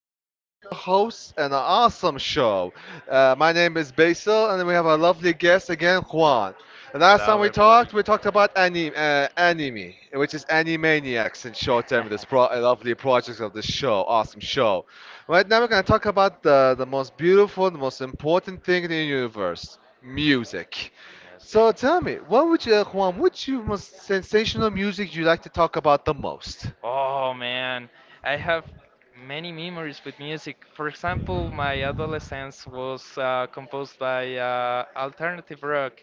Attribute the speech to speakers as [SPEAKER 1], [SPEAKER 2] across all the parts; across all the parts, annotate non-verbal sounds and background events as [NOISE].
[SPEAKER 1] lovely radio host and an awesome show. My name is Basil, and we have our lovely guest again, Juan. The last time
[SPEAKER 2] Hello,
[SPEAKER 1] we
[SPEAKER 2] everybody.
[SPEAKER 1] talked, we talked about anime, anime, which is Animaniacs in short term. This
[SPEAKER 2] [LAUGHS]
[SPEAKER 1] lovely project of this show, awesome show. Right now, we're gonna talk about the most beautiful, the most important thing in the universe, music.
[SPEAKER 2] Yes,
[SPEAKER 1] So tell me, what would you, Juan, what's your most sensational music you like to talk about the most?
[SPEAKER 2] Oh man, I have many memories with music. For example, my adolescence was composed by alternative rock.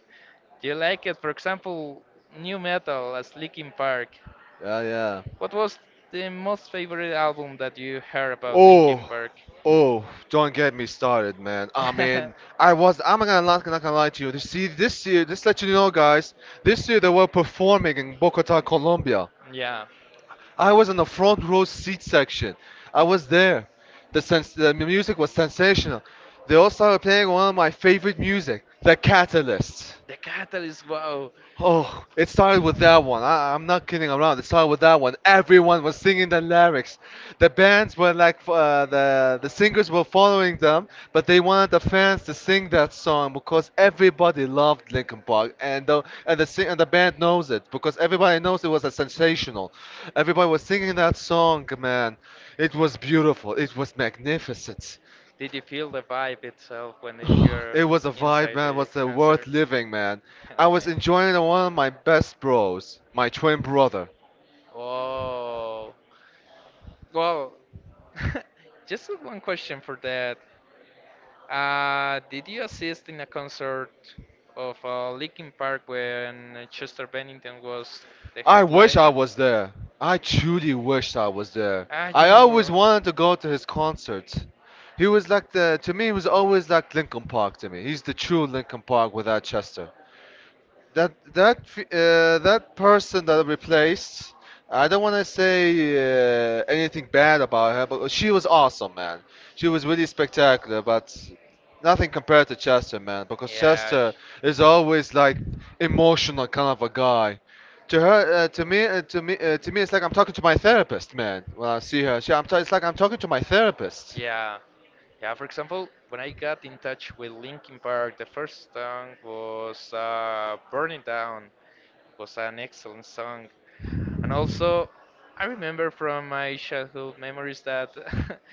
[SPEAKER 2] Do you like it? For example, new metal as Linkin Park.
[SPEAKER 1] Yeah, yeah.
[SPEAKER 2] What was the most favorite album that you heard about Linkin
[SPEAKER 1] Oh,
[SPEAKER 2] Park?
[SPEAKER 1] oh, don't get me started, man. I mean,
[SPEAKER 2] [LAUGHS]
[SPEAKER 1] I'm not gonna lie to you. You see, this year, just let you know, guys, this year they were performing in Bogota, Colombia.
[SPEAKER 2] Yeah,
[SPEAKER 1] I was in the front row seat section. I was there. The music was sensational. They also were playing one of my favorite music, The Catalyst.
[SPEAKER 2] the Catalyst. Wow,
[SPEAKER 1] Oh, it started with that one. I'm not kidding around. It started with that one. Everyone was singing the lyrics. The bands were like, the singers were following them, but they wanted the fans to sing that song because everybody loved Linkin Park, and and the band knows it because everybody knows it was a sensational. Everybody was singing that song, man. It was beautiful. It was magnificent.
[SPEAKER 2] did you feel the vibe itself when
[SPEAKER 1] [SIGHS]
[SPEAKER 2] you're
[SPEAKER 1] It was a vibe,
[SPEAKER 2] inside
[SPEAKER 1] man. It
[SPEAKER 2] the
[SPEAKER 1] was
[SPEAKER 2] concert?
[SPEAKER 1] worth living, man. I was enjoying one of
[SPEAKER 2] [LAUGHS]
[SPEAKER 1] my best bros, my twin brother.
[SPEAKER 2] Oh, well, [LAUGHS] just one question for that. Did you assist in a concert of Linkin Park when Chester Bennington was the
[SPEAKER 1] I wish I
[SPEAKER 2] headliner?
[SPEAKER 1] was there. I truly wished I was there.
[SPEAKER 2] Ah, you
[SPEAKER 1] I always wanted
[SPEAKER 2] know.
[SPEAKER 1] to go to his concert. He was like to me, he was always like Linkin Park to me. He's the true Linkin Park without Chester. That person that I replaced, I don't want to say anything bad about her, but she was awesome, man. She was really spectacular, but nothing compared to Chester, man, because
[SPEAKER 2] Yeah.
[SPEAKER 1] Chester is always like emotional kind of a guy to her to me to me to me, it's like I'm talking to my therapist, man. When I see her, it's like I'm talking to my therapist.
[SPEAKER 2] Yeah, yeah. For example, when I got in touch with Linkin Park, the first song was "Burn It Down." Was an excellent song, and also I remember from my childhood memories that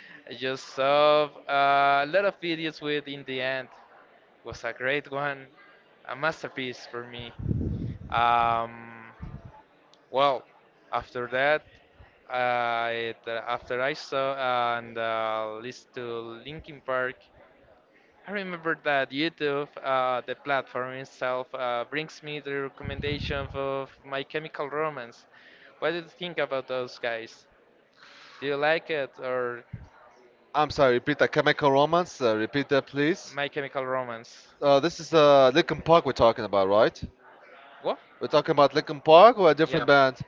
[SPEAKER 2] [LAUGHS] I just saw a lot of videos with "In the End." Was a great one, a masterpiece for me. Um, well, after that, after I saw and listened to Linkin Park, I remember that YouTube, the platform itself, brings me the recommendation of My Chemical Romance. What do you think about those guys? Do you like it or
[SPEAKER 1] I'm sorry, repeat that. Chemical Romance, repeat that, please.
[SPEAKER 2] My Chemical Romance?
[SPEAKER 1] This is Lincoln Park we're talking about, right?
[SPEAKER 2] What?
[SPEAKER 1] We're talking about Linkin Park or a different
[SPEAKER 2] Yeah.
[SPEAKER 1] band?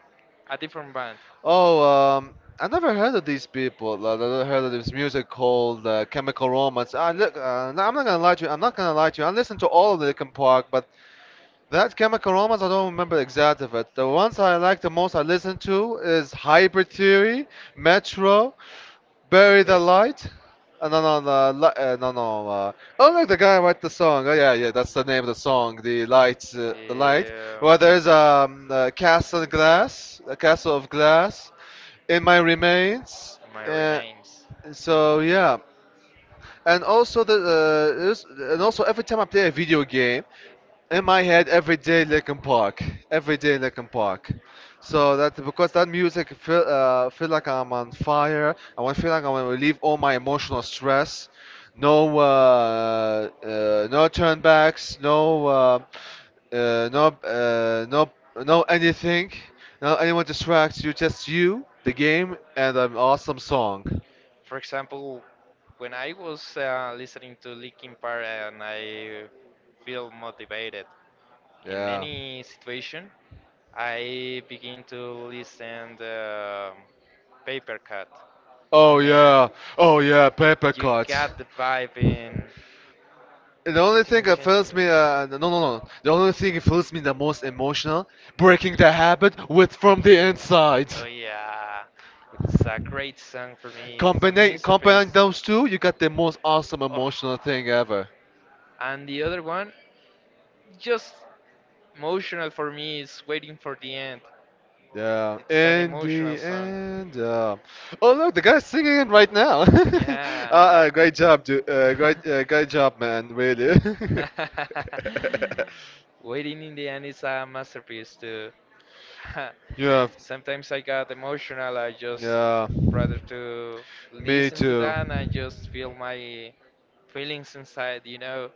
[SPEAKER 2] A different band.
[SPEAKER 1] Oh, I never heard of these people. I never heard of this music called Chemical Romance. I look, no, I'm not gonna lie to you. I listened to all of Linkin Park, but that Chemical Romance, I don't remember the exact of it. The ones I like the most, I listen to is Hybrid Theory, Metro. Bury the
[SPEAKER 2] Okay.
[SPEAKER 1] light. No, no. Oh, like the guy who wrote the song. Oh, yeah, yeah, that's the name of the song. The light, the light. Well, there's a castle of glass in my remains. Uh,
[SPEAKER 2] Remains.
[SPEAKER 1] so yeah, and also and also every time I play a video game, in my head every day Linkin Park, every day Linkin Park. So that because that music feel like I'm on fire. I want to feel like I want to relieve all my emotional stress. No uh, no turnbacks. No no no anything. No anyone distracts you. Just you, the game, and an awesome song.
[SPEAKER 2] For example, when I was listening to Linkin Park and I feel motivated
[SPEAKER 1] Yeah.
[SPEAKER 2] any situation, I begin to listen the Paper Cut.
[SPEAKER 1] Oh yeah, oh yeah, paper cuts.
[SPEAKER 2] Got the vibe in.
[SPEAKER 1] And the only
[SPEAKER 2] Simultaneously.
[SPEAKER 1] thing that feels me, no, no, no. The only thing that feels me the most emotional, breaking the habit
[SPEAKER 2] News.
[SPEAKER 1] with from the
[SPEAKER 2] Oh
[SPEAKER 1] inside.
[SPEAKER 2] yeah, it's a great song for me. It's a
[SPEAKER 1] Combine
[SPEAKER 2] masterpiece.
[SPEAKER 1] those two, you got the most awesome
[SPEAKER 2] Oh.
[SPEAKER 1] emotional thing ever.
[SPEAKER 2] And the other one, just emotional for me, is Waiting for the End.
[SPEAKER 1] Yeah,
[SPEAKER 2] It's an
[SPEAKER 1] in
[SPEAKER 2] emotional
[SPEAKER 1] the
[SPEAKER 2] song.
[SPEAKER 1] end. Oh look, the guy's singing it right now. [LAUGHS]
[SPEAKER 2] [LAUGHS] Yeah. Ah,
[SPEAKER 1] Great job, dude. Great job, man. Really.
[SPEAKER 2] right.
[SPEAKER 1] [LAUGHS]
[SPEAKER 2] [LAUGHS] Waiting in the End is a masterpiece too. [LAUGHS]
[SPEAKER 1] Yeah,
[SPEAKER 2] Sometimes I got emotional. I just
[SPEAKER 1] yeah.
[SPEAKER 2] rather to
[SPEAKER 1] Me
[SPEAKER 2] listen to
[SPEAKER 1] too.
[SPEAKER 2] that and I just feel my feelings inside.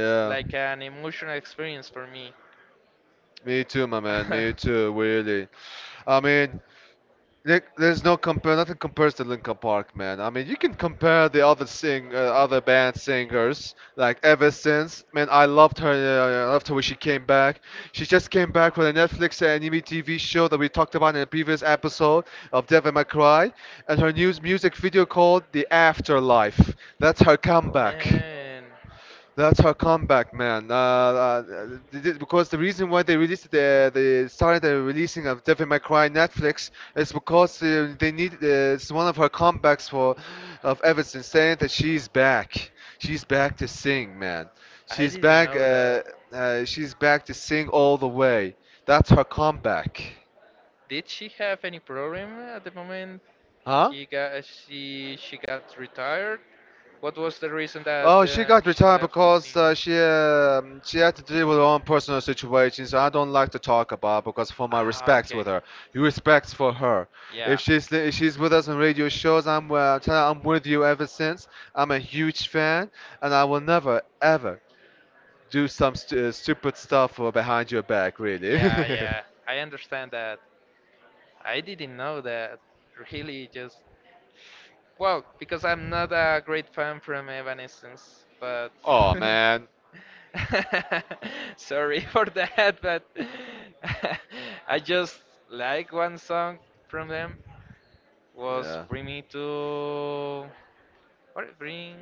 [SPEAKER 2] It's like an emotional experience for me.
[SPEAKER 1] Me too, my man. Me
[SPEAKER 2] [LAUGHS]
[SPEAKER 1] too. Really. I mean. There's no compare. Nothing compares to Linkin Park, man. I mean, you can compare other band singers. Like ever since, man, I loved her. I loved her when she came back. She just came back with a Netflix anime TV show that we talked about in a previous episode of Devil May Cry, and her new music video called The Afterlife. That's her
[SPEAKER 2] Oh
[SPEAKER 1] comeback.
[SPEAKER 2] man,
[SPEAKER 1] That's her comeback, man. Because the reason why they started the releasing of Devil May Cry Netflix is because they need it's one of her comebacks for of Everton saying that she's back. She's back to sing, man.
[SPEAKER 2] I
[SPEAKER 1] She's
[SPEAKER 2] didn't
[SPEAKER 1] back.
[SPEAKER 2] know that.
[SPEAKER 1] She's back to sing all the way. That's her comeback.
[SPEAKER 2] Did she have any problem at the moment?
[SPEAKER 1] Huh?
[SPEAKER 2] He got she got retired. What was the reason that
[SPEAKER 1] Oh, she got
[SPEAKER 2] she
[SPEAKER 1] retired
[SPEAKER 2] left the scene?
[SPEAKER 1] because she had to deal with her own personal situations. I don't like to talk about because for my
[SPEAKER 2] Ah,
[SPEAKER 1] respects
[SPEAKER 2] okay.
[SPEAKER 1] with her, you respects for her.
[SPEAKER 2] Yeah.
[SPEAKER 1] If she's with us on radio shows, I'm tell her I'm with you ever since. I'm a huge fan, and I will never ever do some stupid stuff behind your back, really.
[SPEAKER 2] Yeah, [LAUGHS] yeah, I understand that. I didn't know that. Really, just well, because I'm not a great fan from Evanescence, but
[SPEAKER 1] [LAUGHS] Oh
[SPEAKER 2] [LAUGHS]
[SPEAKER 1] man.
[SPEAKER 2] [LAUGHS] sorry for that, but [LAUGHS] I just like one song from them was
[SPEAKER 1] Yeah.
[SPEAKER 2] "Bring Me to what? Bring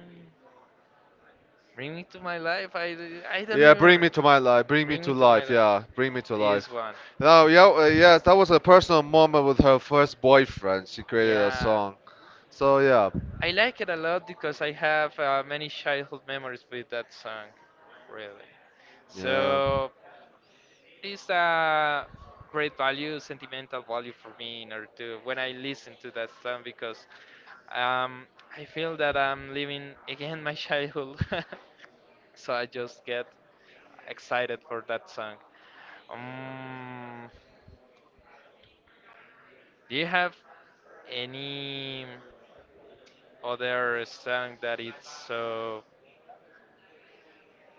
[SPEAKER 2] Bring Me to My Life." I don't
[SPEAKER 1] Yeah,
[SPEAKER 2] remember.
[SPEAKER 1] bring me to my life. Bring me
[SPEAKER 2] Bring Me
[SPEAKER 1] to
[SPEAKER 2] to My
[SPEAKER 1] life.
[SPEAKER 2] Life.
[SPEAKER 1] Yeah,
[SPEAKER 2] Life.
[SPEAKER 1] bring me to
[SPEAKER 2] Is
[SPEAKER 1] life.
[SPEAKER 2] one.
[SPEAKER 1] Now, yeah, yes, that was a personal moment with her first boyfriend. She created a
[SPEAKER 2] Yeah,
[SPEAKER 1] song. So yeah,
[SPEAKER 2] I like it a lot because I have many childhood memories with that song, really.
[SPEAKER 1] yeah.
[SPEAKER 2] So it's a great value, sentimental value for me in order to when I listen to that song because um, I feel that I'm living again my childhood. [LAUGHS] So I just get excited for that song. Um, do you have any other song that it's so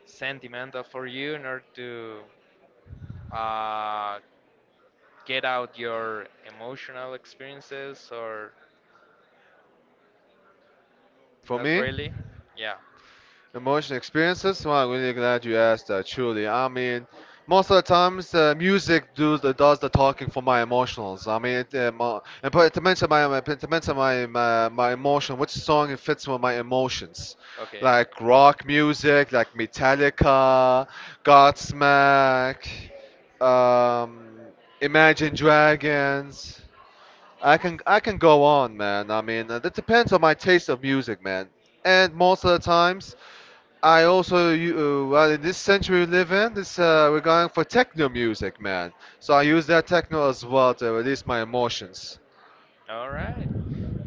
[SPEAKER 2] sentimental for you in order to uh, get out your emotional experiences or
[SPEAKER 1] For
[SPEAKER 2] not
[SPEAKER 1] me?
[SPEAKER 2] really? Yeah,
[SPEAKER 1] Emotional experiences? Well, I'm really glad you asked that, truly. I mean, most of the times, music does the talking for my emotionals. I mean, it, and put, to mention my, my to mention my emotion, which song it fits with my emotions?
[SPEAKER 2] okay.
[SPEAKER 1] Like rock music, like Metallica, Godsmack, um, Imagine Dragons. I can go on, man. I mean, it depends on my taste of music, man. And most of the times. I also, you, well, in this century we live in, this we're going for techno music, man. So I use that techno as well to release my emotions.
[SPEAKER 2] All right.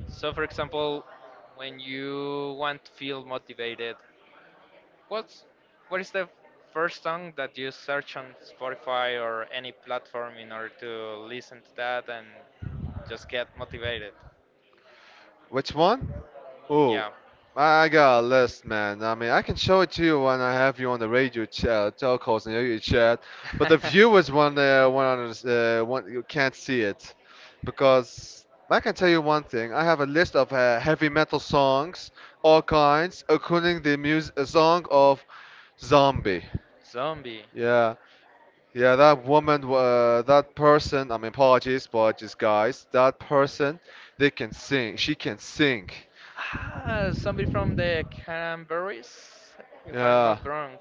[SPEAKER 2] So, for example, when you want to feel motivated, what's what is the first song that you search on Spotify or any platform in order to listen to that and just get motivated?
[SPEAKER 1] Which one? Oh,
[SPEAKER 2] Yeah.
[SPEAKER 1] I got a list, man. I mean, I can show it to you when I have you on the radio chat, telcos and radio chat. But the
[SPEAKER 2] [LAUGHS]
[SPEAKER 1] viewers one, one, you can't see it, because I can tell you one thing. I have a list of heavy metal songs, all kinds, including the music song of Zombie.
[SPEAKER 2] Zombie.
[SPEAKER 1] Yeah, yeah, that woman, that person, I mean, apologies, apologies, guys. That person, they can sing. She can sing.
[SPEAKER 2] Ah, somebody from the Cranberries, if I'm
[SPEAKER 1] Yeah,
[SPEAKER 2] not wrong.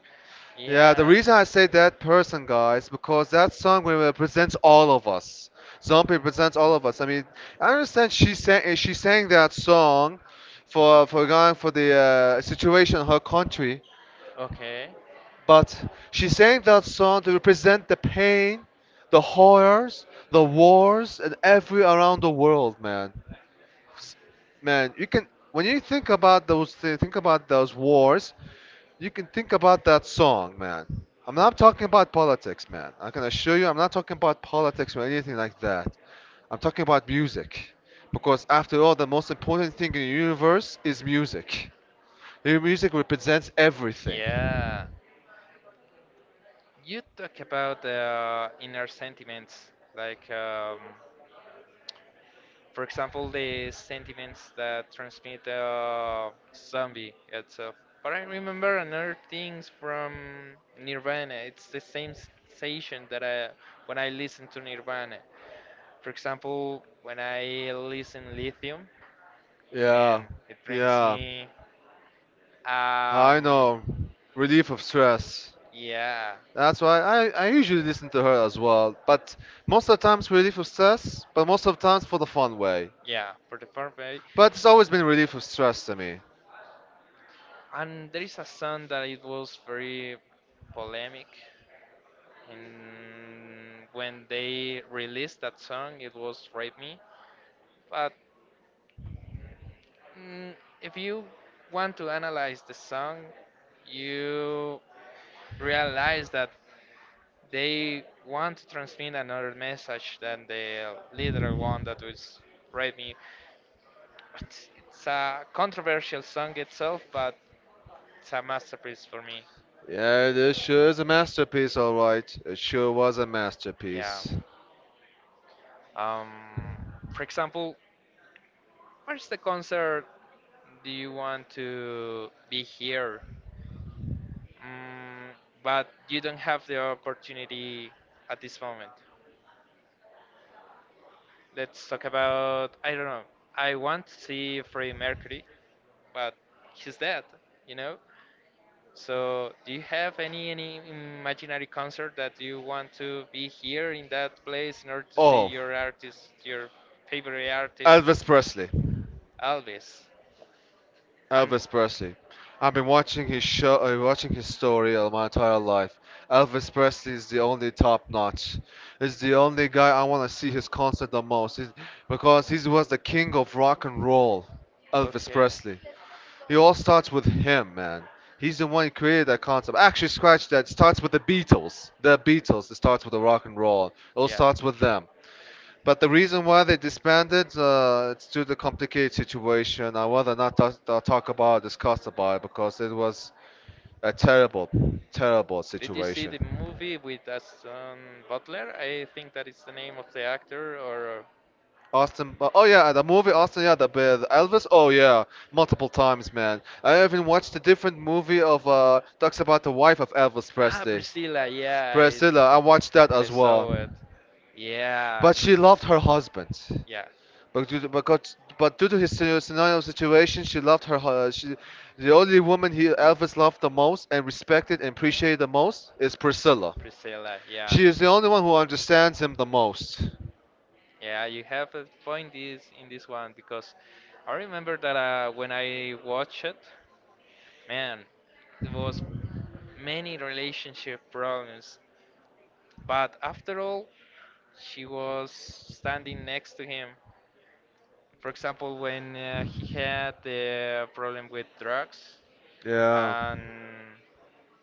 [SPEAKER 1] yeah. The
[SPEAKER 2] Yeah.
[SPEAKER 1] reason
[SPEAKER 2] Yeah.
[SPEAKER 1] I say that person, guys, because that song represents all of us. Zombie represents all of us. I mean, I understand she sang. She sang that song for going for the situation in her country.
[SPEAKER 2] Okay.
[SPEAKER 1] But she sang that song to represent the pain, the horrors, the wars, and every around the world, man. S- Man, you can when you think about those thi- think about those wars, you can think about that song, man. I'm not talking about politics, man. I can assure you, I'm not talking about politics or anything like that. I'm talking about music. Because after all, the most important thing in the universe is music. Your music represents everything.
[SPEAKER 2] Yeah. You talk about the inner sentiments, like for example, the sentiments that transmit the zombie itself. But I remember another things from Nirvana. It's the same sensation that I when I listen to Nirvana. For example, when I listen Lithium, yeah,
[SPEAKER 1] Yeah,
[SPEAKER 2] man, it brings, yeah,
[SPEAKER 1] yeah.
[SPEAKER 2] me, I
[SPEAKER 1] I
[SPEAKER 2] know.
[SPEAKER 1] know. Relief of stress.
[SPEAKER 2] Yeah,
[SPEAKER 1] That's why I usually listen to her as well. But most of the times relief of stress, but most of the times for the fun way.
[SPEAKER 2] yeah, for the perfect.
[SPEAKER 1] But it's always been relief of stress to me.
[SPEAKER 2] And there is a song that it was very polemic and when they released that song it was Rape Me. But mm, if you want to analyze the song, you realize that they want to transmit another message than the literal one that was read me. But it's a controversial song itself, but it's a masterpiece for me.
[SPEAKER 1] Yeah, this sure is a masterpiece, alright. It sure was a
[SPEAKER 2] Yeah.
[SPEAKER 1] masterpiece.
[SPEAKER 2] Um, for example, where's the concert do you want to be here? Mm, but you don't have the opportunity at this moment. Let's talk about, I don't know, I want to see Freddie Mercury but he's dead, you know? So, do you have any imaginary concert that you want to be here in that place in order to see
[SPEAKER 1] Oh,
[SPEAKER 2] your artist, your favorite artist,
[SPEAKER 1] Elvis Presley.
[SPEAKER 2] Elvis? And
[SPEAKER 1] Elvis Presley. I've been watching his story all my entire life. Elvis Presley is the only top notch. It's the only guy I want to see his concert the most, because he was the king of rock and roll. Elvis
[SPEAKER 2] okay,
[SPEAKER 1] Presley. It all starts with him, man. He's the one who created that concept. Actually, scratch that. It starts with the Beatles. The Beatles. It starts with the rock and roll. It all
[SPEAKER 2] yeah.
[SPEAKER 1] starts with them. But the reason why they disbanded, it's due to the complicated situation. I rather not talk about, discuss about it because it was a terrible, terrible
[SPEAKER 2] Did you see
[SPEAKER 1] situation.
[SPEAKER 2] the movie with Aston Butler? I think that is the name of the actor, or
[SPEAKER 1] Austin, oh yeah, the movie Austin, yeah, the Elvis, oh yeah, multiple times, man. I even watched a different movie of talks about the wife of Elvis
[SPEAKER 2] Ah,
[SPEAKER 1] Presley,
[SPEAKER 2] Priscilla, yeah, it's,
[SPEAKER 1] Priscilla. I watched that
[SPEAKER 2] I
[SPEAKER 1] as well.
[SPEAKER 2] saw it. Yeah,
[SPEAKER 1] But she loved her husband.
[SPEAKER 2] yeah,
[SPEAKER 1] But due to his scenario situation, she loved her. Hu- She, the only woman he Elvis loved the most and respected and appreciated the most is Priscilla.
[SPEAKER 2] Priscilla, yeah.
[SPEAKER 1] She is the only one who understands him the most.
[SPEAKER 2] Yeah, you have a point is in this one because I remember that when I watched it, man, it was many relationship problems. But after all, she was standing next to him. For example, when he had the problem with drugs
[SPEAKER 1] Yeah.
[SPEAKER 2] and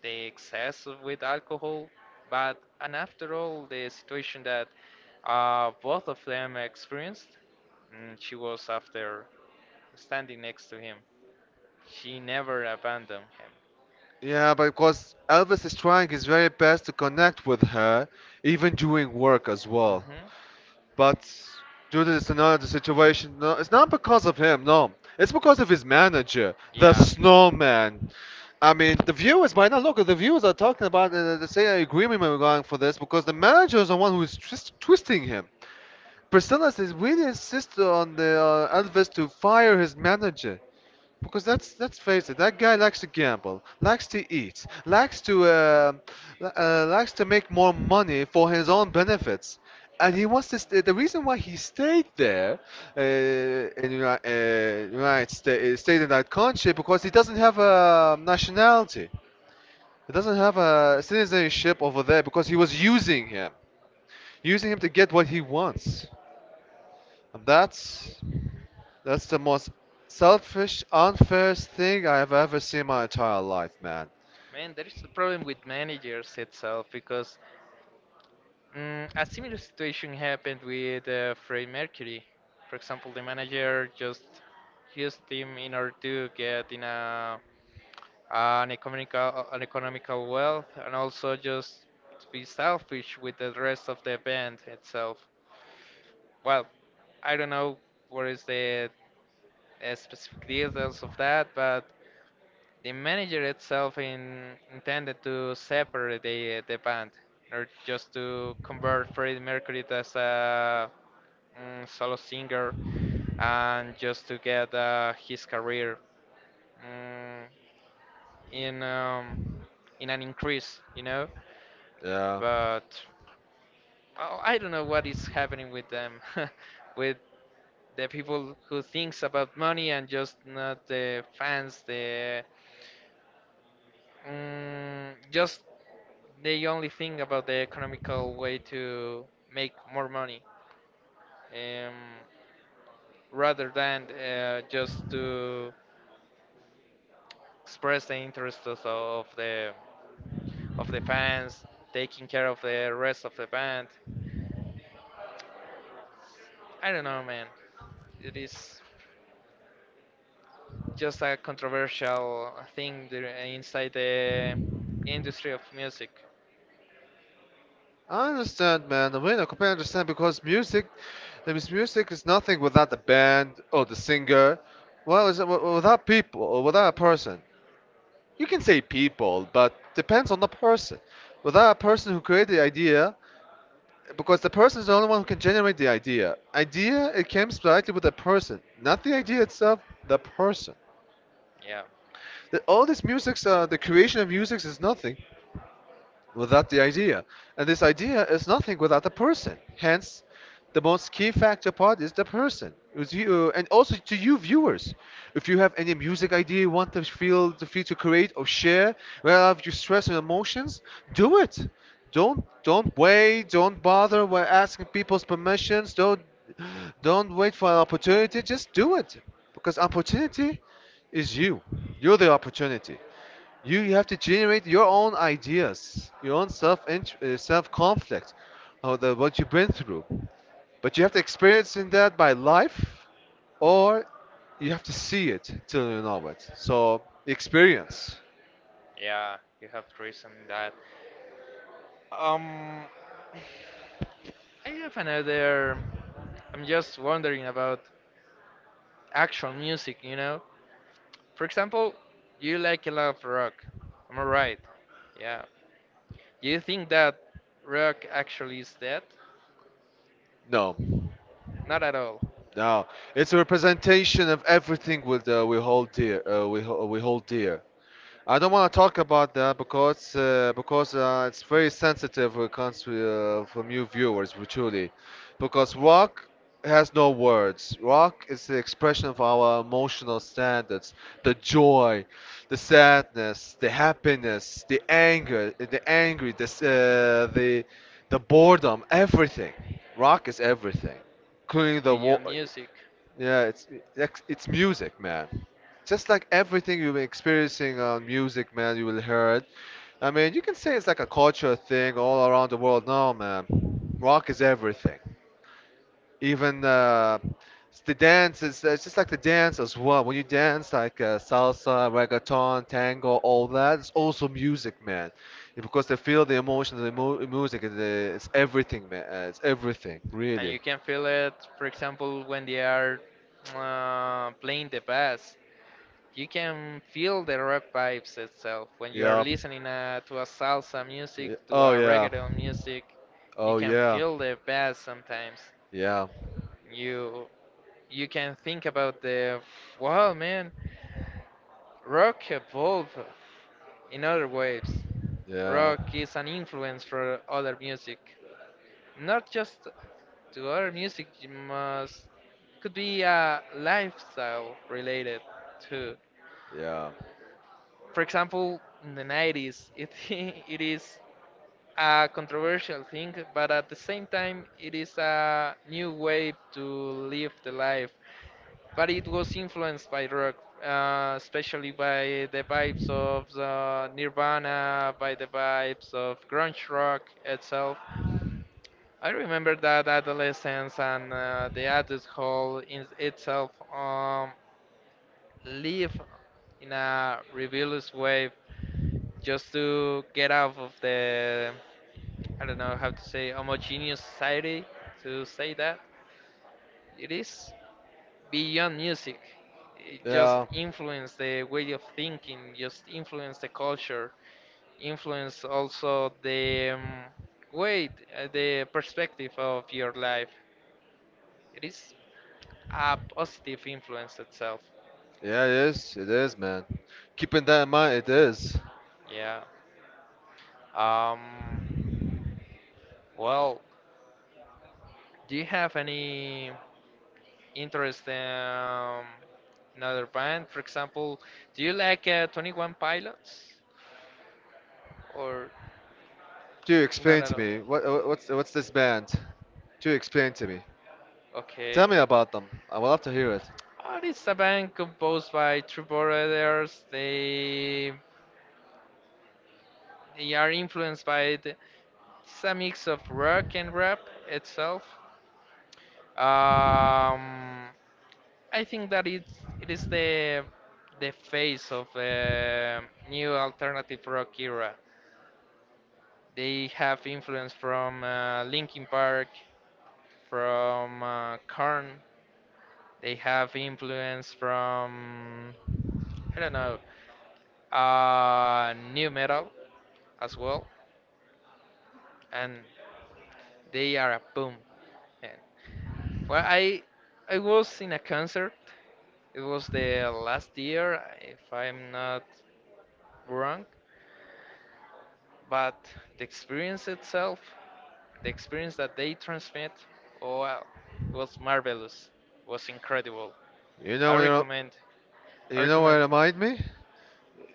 [SPEAKER 2] the with alcohol, but and after all, the situation that both of them experienced, she was after standing next to him. She never abandoned him.
[SPEAKER 1] Yeah, but because Elvis is trying his very best to connect with her, even during work as well.
[SPEAKER 2] Hmm.
[SPEAKER 1] But due dude is another situation. No, it's not because of him. No, it's because of his manager, the
[SPEAKER 2] Yeah,
[SPEAKER 1] Snowman. I mean, the viewers might not look. The viewers are talking about the same agreement we're going for this because the manager is the one who is twisting him. Persona says really insisted on the Alves to fire his manager. Because that's, let's face it, that guy likes to gamble, likes to eat, likes to likes to make more money for his own benefits, and
[SPEAKER 2] yeah.
[SPEAKER 1] he wants to. Stay, the reason why he stayed there in United States, stayed in that country, because he doesn't have a nationality, he doesn't have a citizenship over there, because he was using him to get what he wants. And that's the most selfish, unfair thing I have ever seen in my entire life, man.
[SPEAKER 2] Man, there is a problem with managers itself because a similar situation happened with Freddie Mercury. For example, the manager just used him in order to get in a an economical, wealth and also just to be selfish with the rest of the band itself. Well, I don't know what is the specific details of that, but the manager itself intended to separate the band or just to convert Freddie Mercury as a solo singer and just to get his career mm, in um, in an increase.
[SPEAKER 1] Yeah.
[SPEAKER 2] But well, I don't know what is happening with them, [LAUGHS] with the people who thinks about money and just not the fans. The just they only think about the economical way to make more money, um, rather than just to express the interests of the fans, taking care of the rest of the band. I don't know, man. It is just a controversial thing there inside the industry of music.
[SPEAKER 1] I understand, man. I mean, I completely understand because music, I mean, music is nothing without the band or the singer. Well, it's, without people or without a person. You can say people, but depends on the person. Without a person who created the idea, because the person is the only one who can generate the idea. Idea it comes directly with the person, not the idea itself, the person.
[SPEAKER 2] Yeah,
[SPEAKER 1] The, all these musics, the creation of musics is nothing without the idea. And this idea is nothing without the person. Hence, the most key factor part is the person. It was you, and also to you viewers. If you have any music idea you want to feel to create or share, well, if you stress and emotions, do it. Don't wait. Don't bother. We're asking people's permissions. Don't wait for an opportunity. Just do it because opportunity is you. You're the opportunity you have to generate your own ideas, your own self self conflict, or the what you've been through. But you have to experience in that by life, or you have to see it till you know it. So experience.
[SPEAKER 2] yeah, you have reason in that. Um, [SIGHS] I have another. I'm just wondering about actual music, you know? For example, you like a lot of rock. Am I right? Yeah. Do you think that rock actually is dead?
[SPEAKER 1] No,
[SPEAKER 2] Not at all.
[SPEAKER 1] no. It's a representation of everything we hold dear. We hold dear. I don't want to talk about that because it's very sensitive when it comes to for new viewers, we truly, because rock has no words. Rock is the expression of our emotional standards, the joy, the sadness, the happiness, the anger, the angry, the boredom, everything. Rock is everything, including the
[SPEAKER 2] Video
[SPEAKER 1] war.
[SPEAKER 2] music.
[SPEAKER 1] Yeah, it's it's music, man. Just like everything you've been experiencing on music, man, you will hear it. I mean, you can say it's like a culture thing all around the world. No, man, rock is everything. Even it's the dance is it's just like the dance as well. When you dance like salsa, reggaeton, tango, all that, it's also music, man. Yeah, because they feel the emotion of the mu music. It's everything, man. It's everything,
[SPEAKER 2] And
[SPEAKER 1] really.
[SPEAKER 2] you can feel it, for example, when they are playing the bass. You can feel the rock vibes itself. When you are
[SPEAKER 1] Yeah.
[SPEAKER 2] listening to a salsa music, to
[SPEAKER 1] Oh
[SPEAKER 2] a
[SPEAKER 1] yeah.
[SPEAKER 2] reggaeton music, you
[SPEAKER 1] Oh
[SPEAKER 2] can
[SPEAKER 1] yeah.
[SPEAKER 2] feel the bass sometimes.
[SPEAKER 1] Yeah.
[SPEAKER 2] You you can think about the, wow, man, rock evolved in other waves.
[SPEAKER 1] Yeah.
[SPEAKER 2] Rock is an influence for other music. Not just to our music, you must could be lifestyle related too.
[SPEAKER 1] Yeah.
[SPEAKER 2] For example, in the 90s it [LAUGHS] it is a controversial thing, but at the same time it is a new way to live the life, but it was influenced by rock, especially by the vibes of the Nirvana, by the vibes of grunge rock itself. I remember that adolescence and the adulthood in itself, live in a rebellious way just to get out of the, I don't know how to say, homogeneous society, to say that. It is beyond music. It just
[SPEAKER 1] Yeah.
[SPEAKER 2] influence the way of thinking, just influence the culture, influence also the way, the perspective of your life. It is a positive influence itself.
[SPEAKER 1] Yeah, it is. It is, man. Keeping that in mind, it is.
[SPEAKER 2] Yeah. Um, well, do you have any interest in, another band? For example, do you like 21 Pilots? Or
[SPEAKER 1] Do
[SPEAKER 2] not
[SPEAKER 1] explain
[SPEAKER 2] at
[SPEAKER 1] to
[SPEAKER 2] all?
[SPEAKER 1] me what what's this band? Do explain to me.
[SPEAKER 2] Okay.
[SPEAKER 1] Tell me about them. I would love to hear it.
[SPEAKER 2] Oh, it's a band composed by two brothers. They are influenced by it's a mix of rock and rap itself. Um, I think that it is the face of the new alternative rock era. They have influence from Linkin Park, from Korn. They have influence from I don't know new metal as well, and they are a boom. And well, I was in a concert. It was the last year, if I'm not wrong, but the experience itself the experience that they transmit, oh, wow, was marvelous, was incredible.
[SPEAKER 1] You know
[SPEAKER 2] I
[SPEAKER 1] when you
[SPEAKER 2] recommend. I
[SPEAKER 1] you know what
[SPEAKER 2] recommend.
[SPEAKER 1] remind me?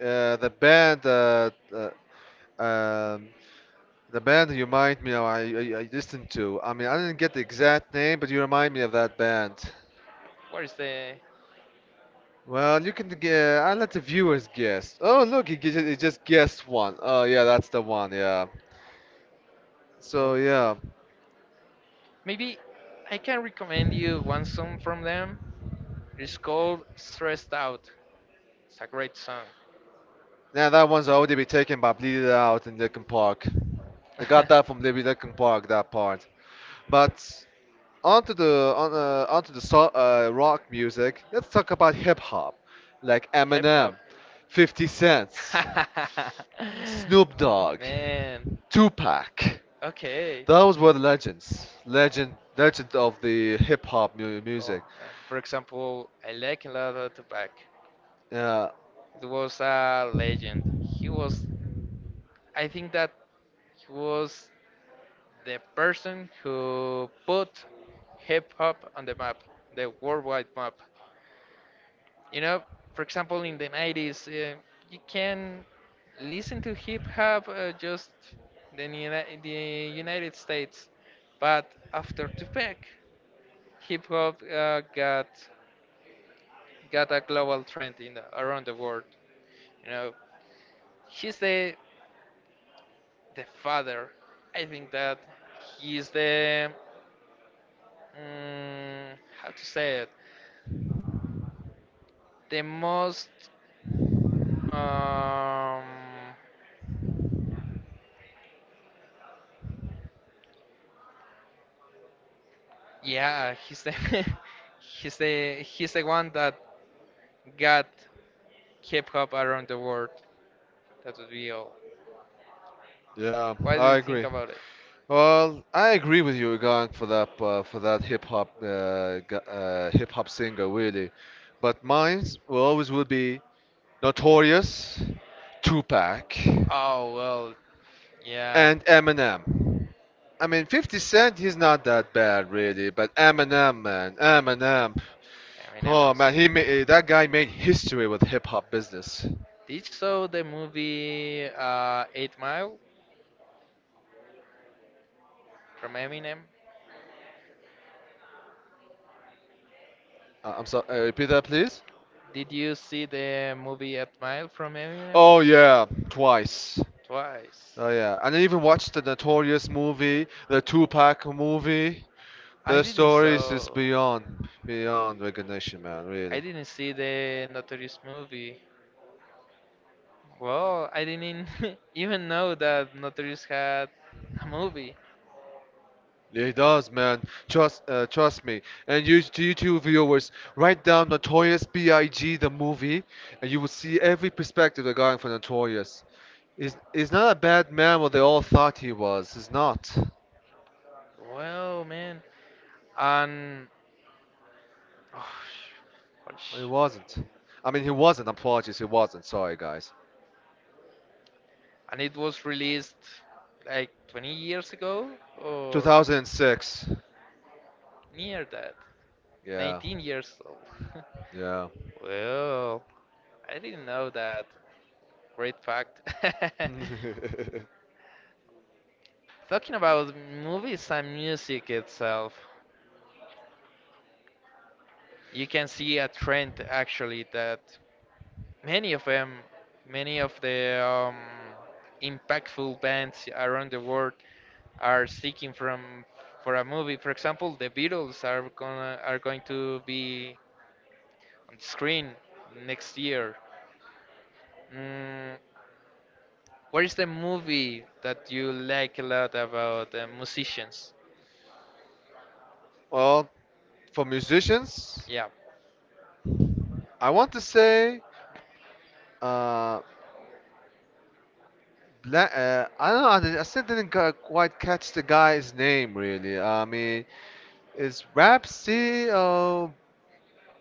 [SPEAKER 1] Uh, the band uh, uh um the band you remind me of I listened to. I mean I didn't get the exact name, but you remind me of that band.
[SPEAKER 2] What is the?
[SPEAKER 1] Well, you can g I'll let the viewers guess. Oh, look, he just guessed one. Oh yeah, that's the one. Yeah. So yeah.
[SPEAKER 2] Maybe I can recommend you one song from them. It's called "Stressed Out." It's a great song.
[SPEAKER 1] Now that one's already been taken by Bleed Out in Linkin Park. They got that from
[SPEAKER 2] [LAUGHS]
[SPEAKER 1] Libby Linkin Park that part. But onto the rock music. Let's talk about hip hop, like
[SPEAKER 2] Hip
[SPEAKER 1] Eminem,
[SPEAKER 2] hop.
[SPEAKER 1] 50 Cent, Snoop
[SPEAKER 2] [LAUGHS]
[SPEAKER 1] Dogg,
[SPEAKER 2] Man.
[SPEAKER 1] Tupac.
[SPEAKER 2] Okay. Oh
[SPEAKER 1] Those were the legends, legend, legend of the hip hop music.
[SPEAKER 2] man. For example, I like a lot of Tupac.
[SPEAKER 1] Yeah,
[SPEAKER 2] It was a legend. He was, I think that he was the person who put hip hop on the map, the worldwide map. You know, for example, in the 90s, you can listen to hip hop just in the United States, but after Tupac, hip hop got a global trend around the world. You know, he's the father. I think that he is the mm, how to say it, the most um, yeah, he's the [LAUGHS] he's the one that got hip hop around the world. That would be all.
[SPEAKER 1] yeah,
[SPEAKER 2] What do
[SPEAKER 1] I
[SPEAKER 2] you think
[SPEAKER 1] agree.
[SPEAKER 2] about it?
[SPEAKER 1] Well, I agree with you, Gang, for that hip hop hip hop singer, really. But mine will always will be Notorious, Tupac,
[SPEAKER 2] Oh well, yeah,
[SPEAKER 1] and Eminem. I mean, 50 Cent, he's not that bad, really. But Eminem, man, Eminem.
[SPEAKER 2] Eminem
[SPEAKER 1] Oh man,
[SPEAKER 2] is.
[SPEAKER 1] that guy made history with hip hop business.
[SPEAKER 2] Did you saw the movie Eight Mile from Eminem?
[SPEAKER 1] I'm sorry, repeat that, please.
[SPEAKER 2] Did you see the movie Eight Mile from Eminem?
[SPEAKER 1] Oh yeah, twice.
[SPEAKER 2] Twice.
[SPEAKER 1] Oh yeah, and I even watched the Notorious movie, the Tupac movie.
[SPEAKER 2] I
[SPEAKER 1] The
[SPEAKER 2] didn't
[SPEAKER 1] stories is
[SPEAKER 2] saw.
[SPEAKER 1] beyond beyond recognition, man.
[SPEAKER 2] I
[SPEAKER 1] Really,
[SPEAKER 2] didn't see the Notorious movie. Well, I didn't [LAUGHS] even know that Notorious had a movie.
[SPEAKER 1] it does, man. Trust me. And you to YouTube viewers, write down Notorious B.I.G. the movie, and you will see every perspective regarding for Notorious. He's not a bad man what they all thought he was. He's not.
[SPEAKER 2] Well, man, and oh,
[SPEAKER 1] He
[SPEAKER 2] gosh,
[SPEAKER 1] wasn't. I mean, he wasn't. Apologies, he wasn't. Sorry, guys.
[SPEAKER 2] and it was released like 20 years ago or
[SPEAKER 1] 2006.
[SPEAKER 2] near that,
[SPEAKER 1] Yeah.
[SPEAKER 2] 19 years old.
[SPEAKER 1] Yeah.
[SPEAKER 2] [LAUGHS] Well, I didn't know that. Great fact.
[SPEAKER 1] [LAUGHS]
[SPEAKER 2] [LAUGHS] Talking about movies and music itself, you can see a trend actually that many of them, many of the impactful bands around the world are seeking from for a movie. For example, the Beatles are going to be on screen next year. Mm, what is the movie that you like a lot about musicians?
[SPEAKER 1] Well, for musicians,
[SPEAKER 2] Yeah.
[SPEAKER 1] I want to say, uh, I don't know. Did I still didn't quite catch the guy's name really. I mean, it's Rapsy or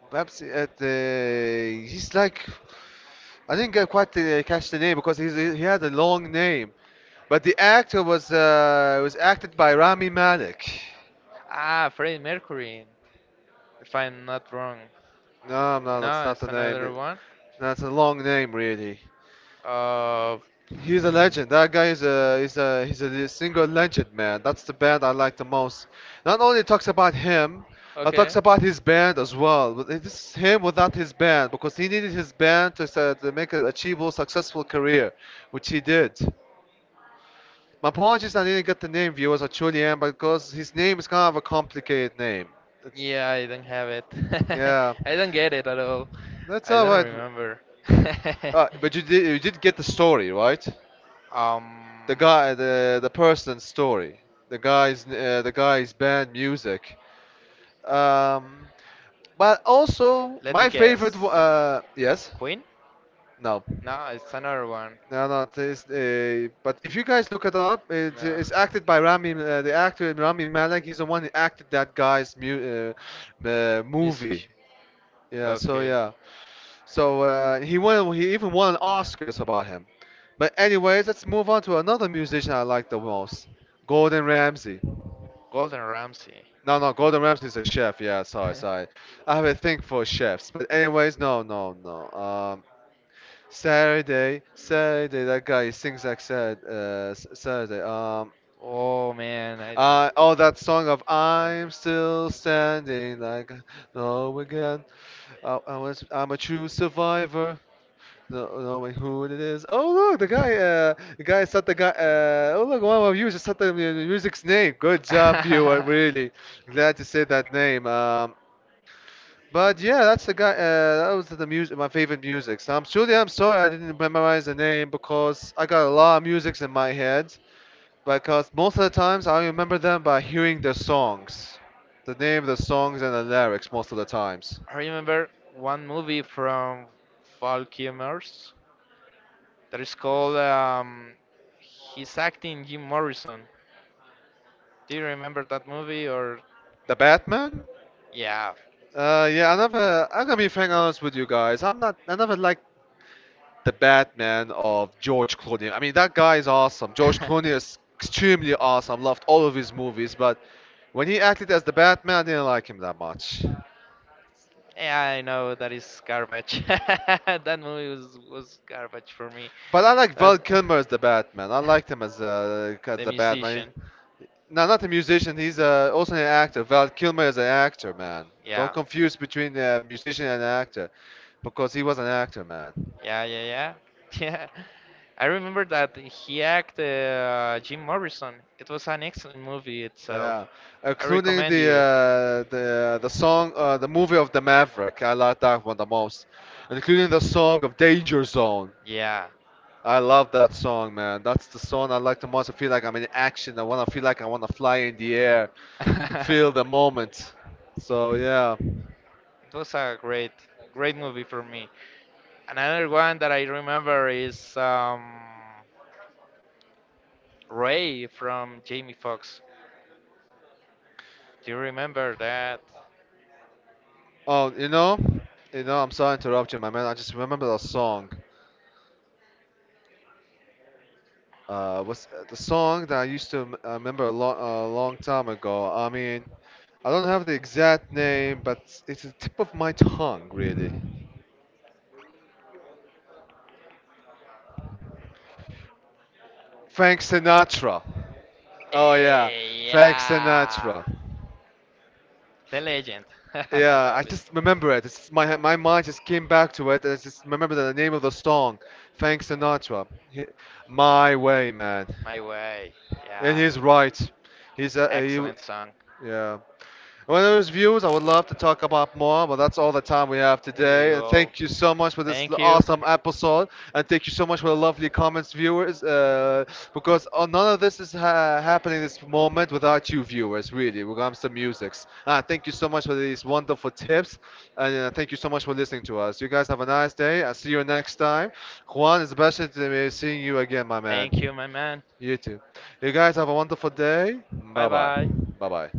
[SPEAKER 1] Rapsy at the. He's like I didn't get quite the, catch the name because he had a long name. But the actor was acted by Rami Malek.
[SPEAKER 2] Ah, Freddie Mercury, if I'm not wrong.
[SPEAKER 1] No, no, that's
[SPEAKER 2] No,
[SPEAKER 1] not
[SPEAKER 2] it's
[SPEAKER 1] the
[SPEAKER 2] another
[SPEAKER 1] name.
[SPEAKER 2] one.
[SPEAKER 1] That's a long name, really.
[SPEAKER 2] Uh,
[SPEAKER 1] He's a legend. That guy is a he's a single legend, man. That's the band I like the most. Not only talks about him, it
[SPEAKER 2] okay.
[SPEAKER 1] talks about his band as well. But this is him without his band because he needed his band to, to make an achievable, successful career, which he did. My apologies, I didn't get the name viewers or Julian because his name is kind of a complicated name. It's,
[SPEAKER 2] Yeah, I don't have it. [LAUGHS]
[SPEAKER 1] yeah,
[SPEAKER 2] I don't get it at all.
[SPEAKER 1] that's
[SPEAKER 2] I
[SPEAKER 1] all
[SPEAKER 2] don't
[SPEAKER 1] right.
[SPEAKER 2] remember. [LAUGHS]
[SPEAKER 1] But you did get the story right?
[SPEAKER 2] Um,
[SPEAKER 1] The guy, the person's story, the guy's band music. Um, but also
[SPEAKER 2] Let me
[SPEAKER 1] my favorite.
[SPEAKER 2] guess.
[SPEAKER 1] Yes,
[SPEAKER 2] Queen?
[SPEAKER 1] no.
[SPEAKER 2] No, it's another one.
[SPEAKER 1] No, no, it's, but if you guys look it up,
[SPEAKER 2] No.
[SPEAKER 1] it's acted by Rami, the actor Rami Malek. He's the one who acted that guy's movie.
[SPEAKER 2] Music.
[SPEAKER 1] Yeah, so
[SPEAKER 2] Okay.
[SPEAKER 1] yeah, so he won. He even won an Oscars about him. But anyways, let's move on to another musician I like the most, Gordon Ramsay.
[SPEAKER 2] Golden Ramsey.
[SPEAKER 1] No, no, Gordon Ramsay is a chef. Yeah, sorry, sorry.
[SPEAKER 2] [LAUGHS]
[SPEAKER 1] I have a thing for chefs. But anyways, no, no, no. Saturday, Saturday, that guy he sings like sad, Saturday.
[SPEAKER 2] Oh man, I don't.
[SPEAKER 1] Oh, that song of I'm still standing like no again. I'm a true survivor. No, no, wait, who it is? Oh look, the guy said the guy. Oh look, one of you just said the music's name. Good
[SPEAKER 2] [LAUGHS]
[SPEAKER 1] job, viewer.
[SPEAKER 2] I
[SPEAKER 1] Really glad to say that name. But yeah, that's the guy. That was the music, my favorite music. So I'm truly, I'm sorry I didn't memorize the name because I got a lot of musics in my head. Because most of the times I remember them by hearing their songs, the name of the songs and the lyrics most of the times.
[SPEAKER 2] remember one movie from Falkimers that is called He's Acting Jim Morrison. Do you remember that movie or
[SPEAKER 1] The Batman.
[SPEAKER 2] yeah?
[SPEAKER 1] Yeah, I never. I'm gonna be frank honest with you guys. I'm not. I never liked the Batman of George Clooney. I mean, that guy is awesome. George Clooney
[SPEAKER 2] [LAUGHS]
[SPEAKER 1] is extremely awesome. Loved all of his movies, but when he acted as the Batman, I didn't like him that much.
[SPEAKER 2] Yeah, I know that is garbage. [LAUGHS] That movie was garbage for me.
[SPEAKER 1] But I like Val
[SPEAKER 2] But
[SPEAKER 1] Kilmer as the Batman. I liked him as
[SPEAKER 2] the
[SPEAKER 1] the Batman.
[SPEAKER 2] musician.
[SPEAKER 1] No, not a musician. He's also an actor. Val Kilmer is an actor, man. Don't
[SPEAKER 2] Yeah,
[SPEAKER 1] confuse between a musician and an actor because he was an actor, man.
[SPEAKER 2] yeah, yeah, yeah, [LAUGHS] yeah. I remember that he acted Jim Morrison. It was an excellent movie itself.
[SPEAKER 1] Yeah,
[SPEAKER 2] I
[SPEAKER 1] including
[SPEAKER 2] recommend
[SPEAKER 1] the
[SPEAKER 2] you.
[SPEAKER 1] the song, the movie of the Maverick. I like that one the most, including the song of Danger Zone.
[SPEAKER 2] Yeah,
[SPEAKER 1] I love that song, man. That's the song I like the most. I feel like I'm in action. I wanna feel like I wanna fly in the air,
[SPEAKER 2] [LAUGHS]
[SPEAKER 1] feel the
[SPEAKER 2] it
[SPEAKER 1] moment. So yeah.
[SPEAKER 2] was a great, great movie for me. Another one that I remember is Ray from Jamie Foxx. Do you remember that?
[SPEAKER 1] Oh, you know, you know. I'm sorry to interrupt you, my man. I just remember the song. What's the song that I used to remember a long time ago? I mean, I don't have the exact name, but it's the tip of my tongue, really. Frank Sinatra. Oh yeah,
[SPEAKER 2] Eh,
[SPEAKER 1] Frank
[SPEAKER 2] yeah,
[SPEAKER 1] Sinatra.
[SPEAKER 2] the legend. [LAUGHS]
[SPEAKER 1] Yeah, I just
[SPEAKER 2] Obviously.
[SPEAKER 1] remember it. It's just my mind just came back to it, and I just remember the name of the song, Frank Sinatra. My way, man.
[SPEAKER 2] My Way.
[SPEAKER 1] And
[SPEAKER 2] Yeah.
[SPEAKER 1] he's right. He's uh, he,
[SPEAKER 2] Excellent song.
[SPEAKER 1] yeah. One of those views I would love to talk about more, but that's all the time we have
[SPEAKER 2] There you
[SPEAKER 1] today. And
[SPEAKER 2] go.
[SPEAKER 1] thank you so much for this
[SPEAKER 2] Thank you.
[SPEAKER 1] awesome episode, and thank you so much for the lovely comments, viewers. Because none of this is happening this moment without you, viewers. Really, when it comes to musics. Thank you so much for these wonderful tips, and thank you so much for listening to us. You guys have a nice day. I'll see you next time. Juan, it's a pleasure to be seeing you again, my
[SPEAKER 2] Thank
[SPEAKER 1] man.
[SPEAKER 2] you, my man.
[SPEAKER 1] You too. You guys have a wonderful day.
[SPEAKER 2] Bye
[SPEAKER 1] Bye bye.
[SPEAKER 2] bye.
[SPEAKER 1] Bye bye.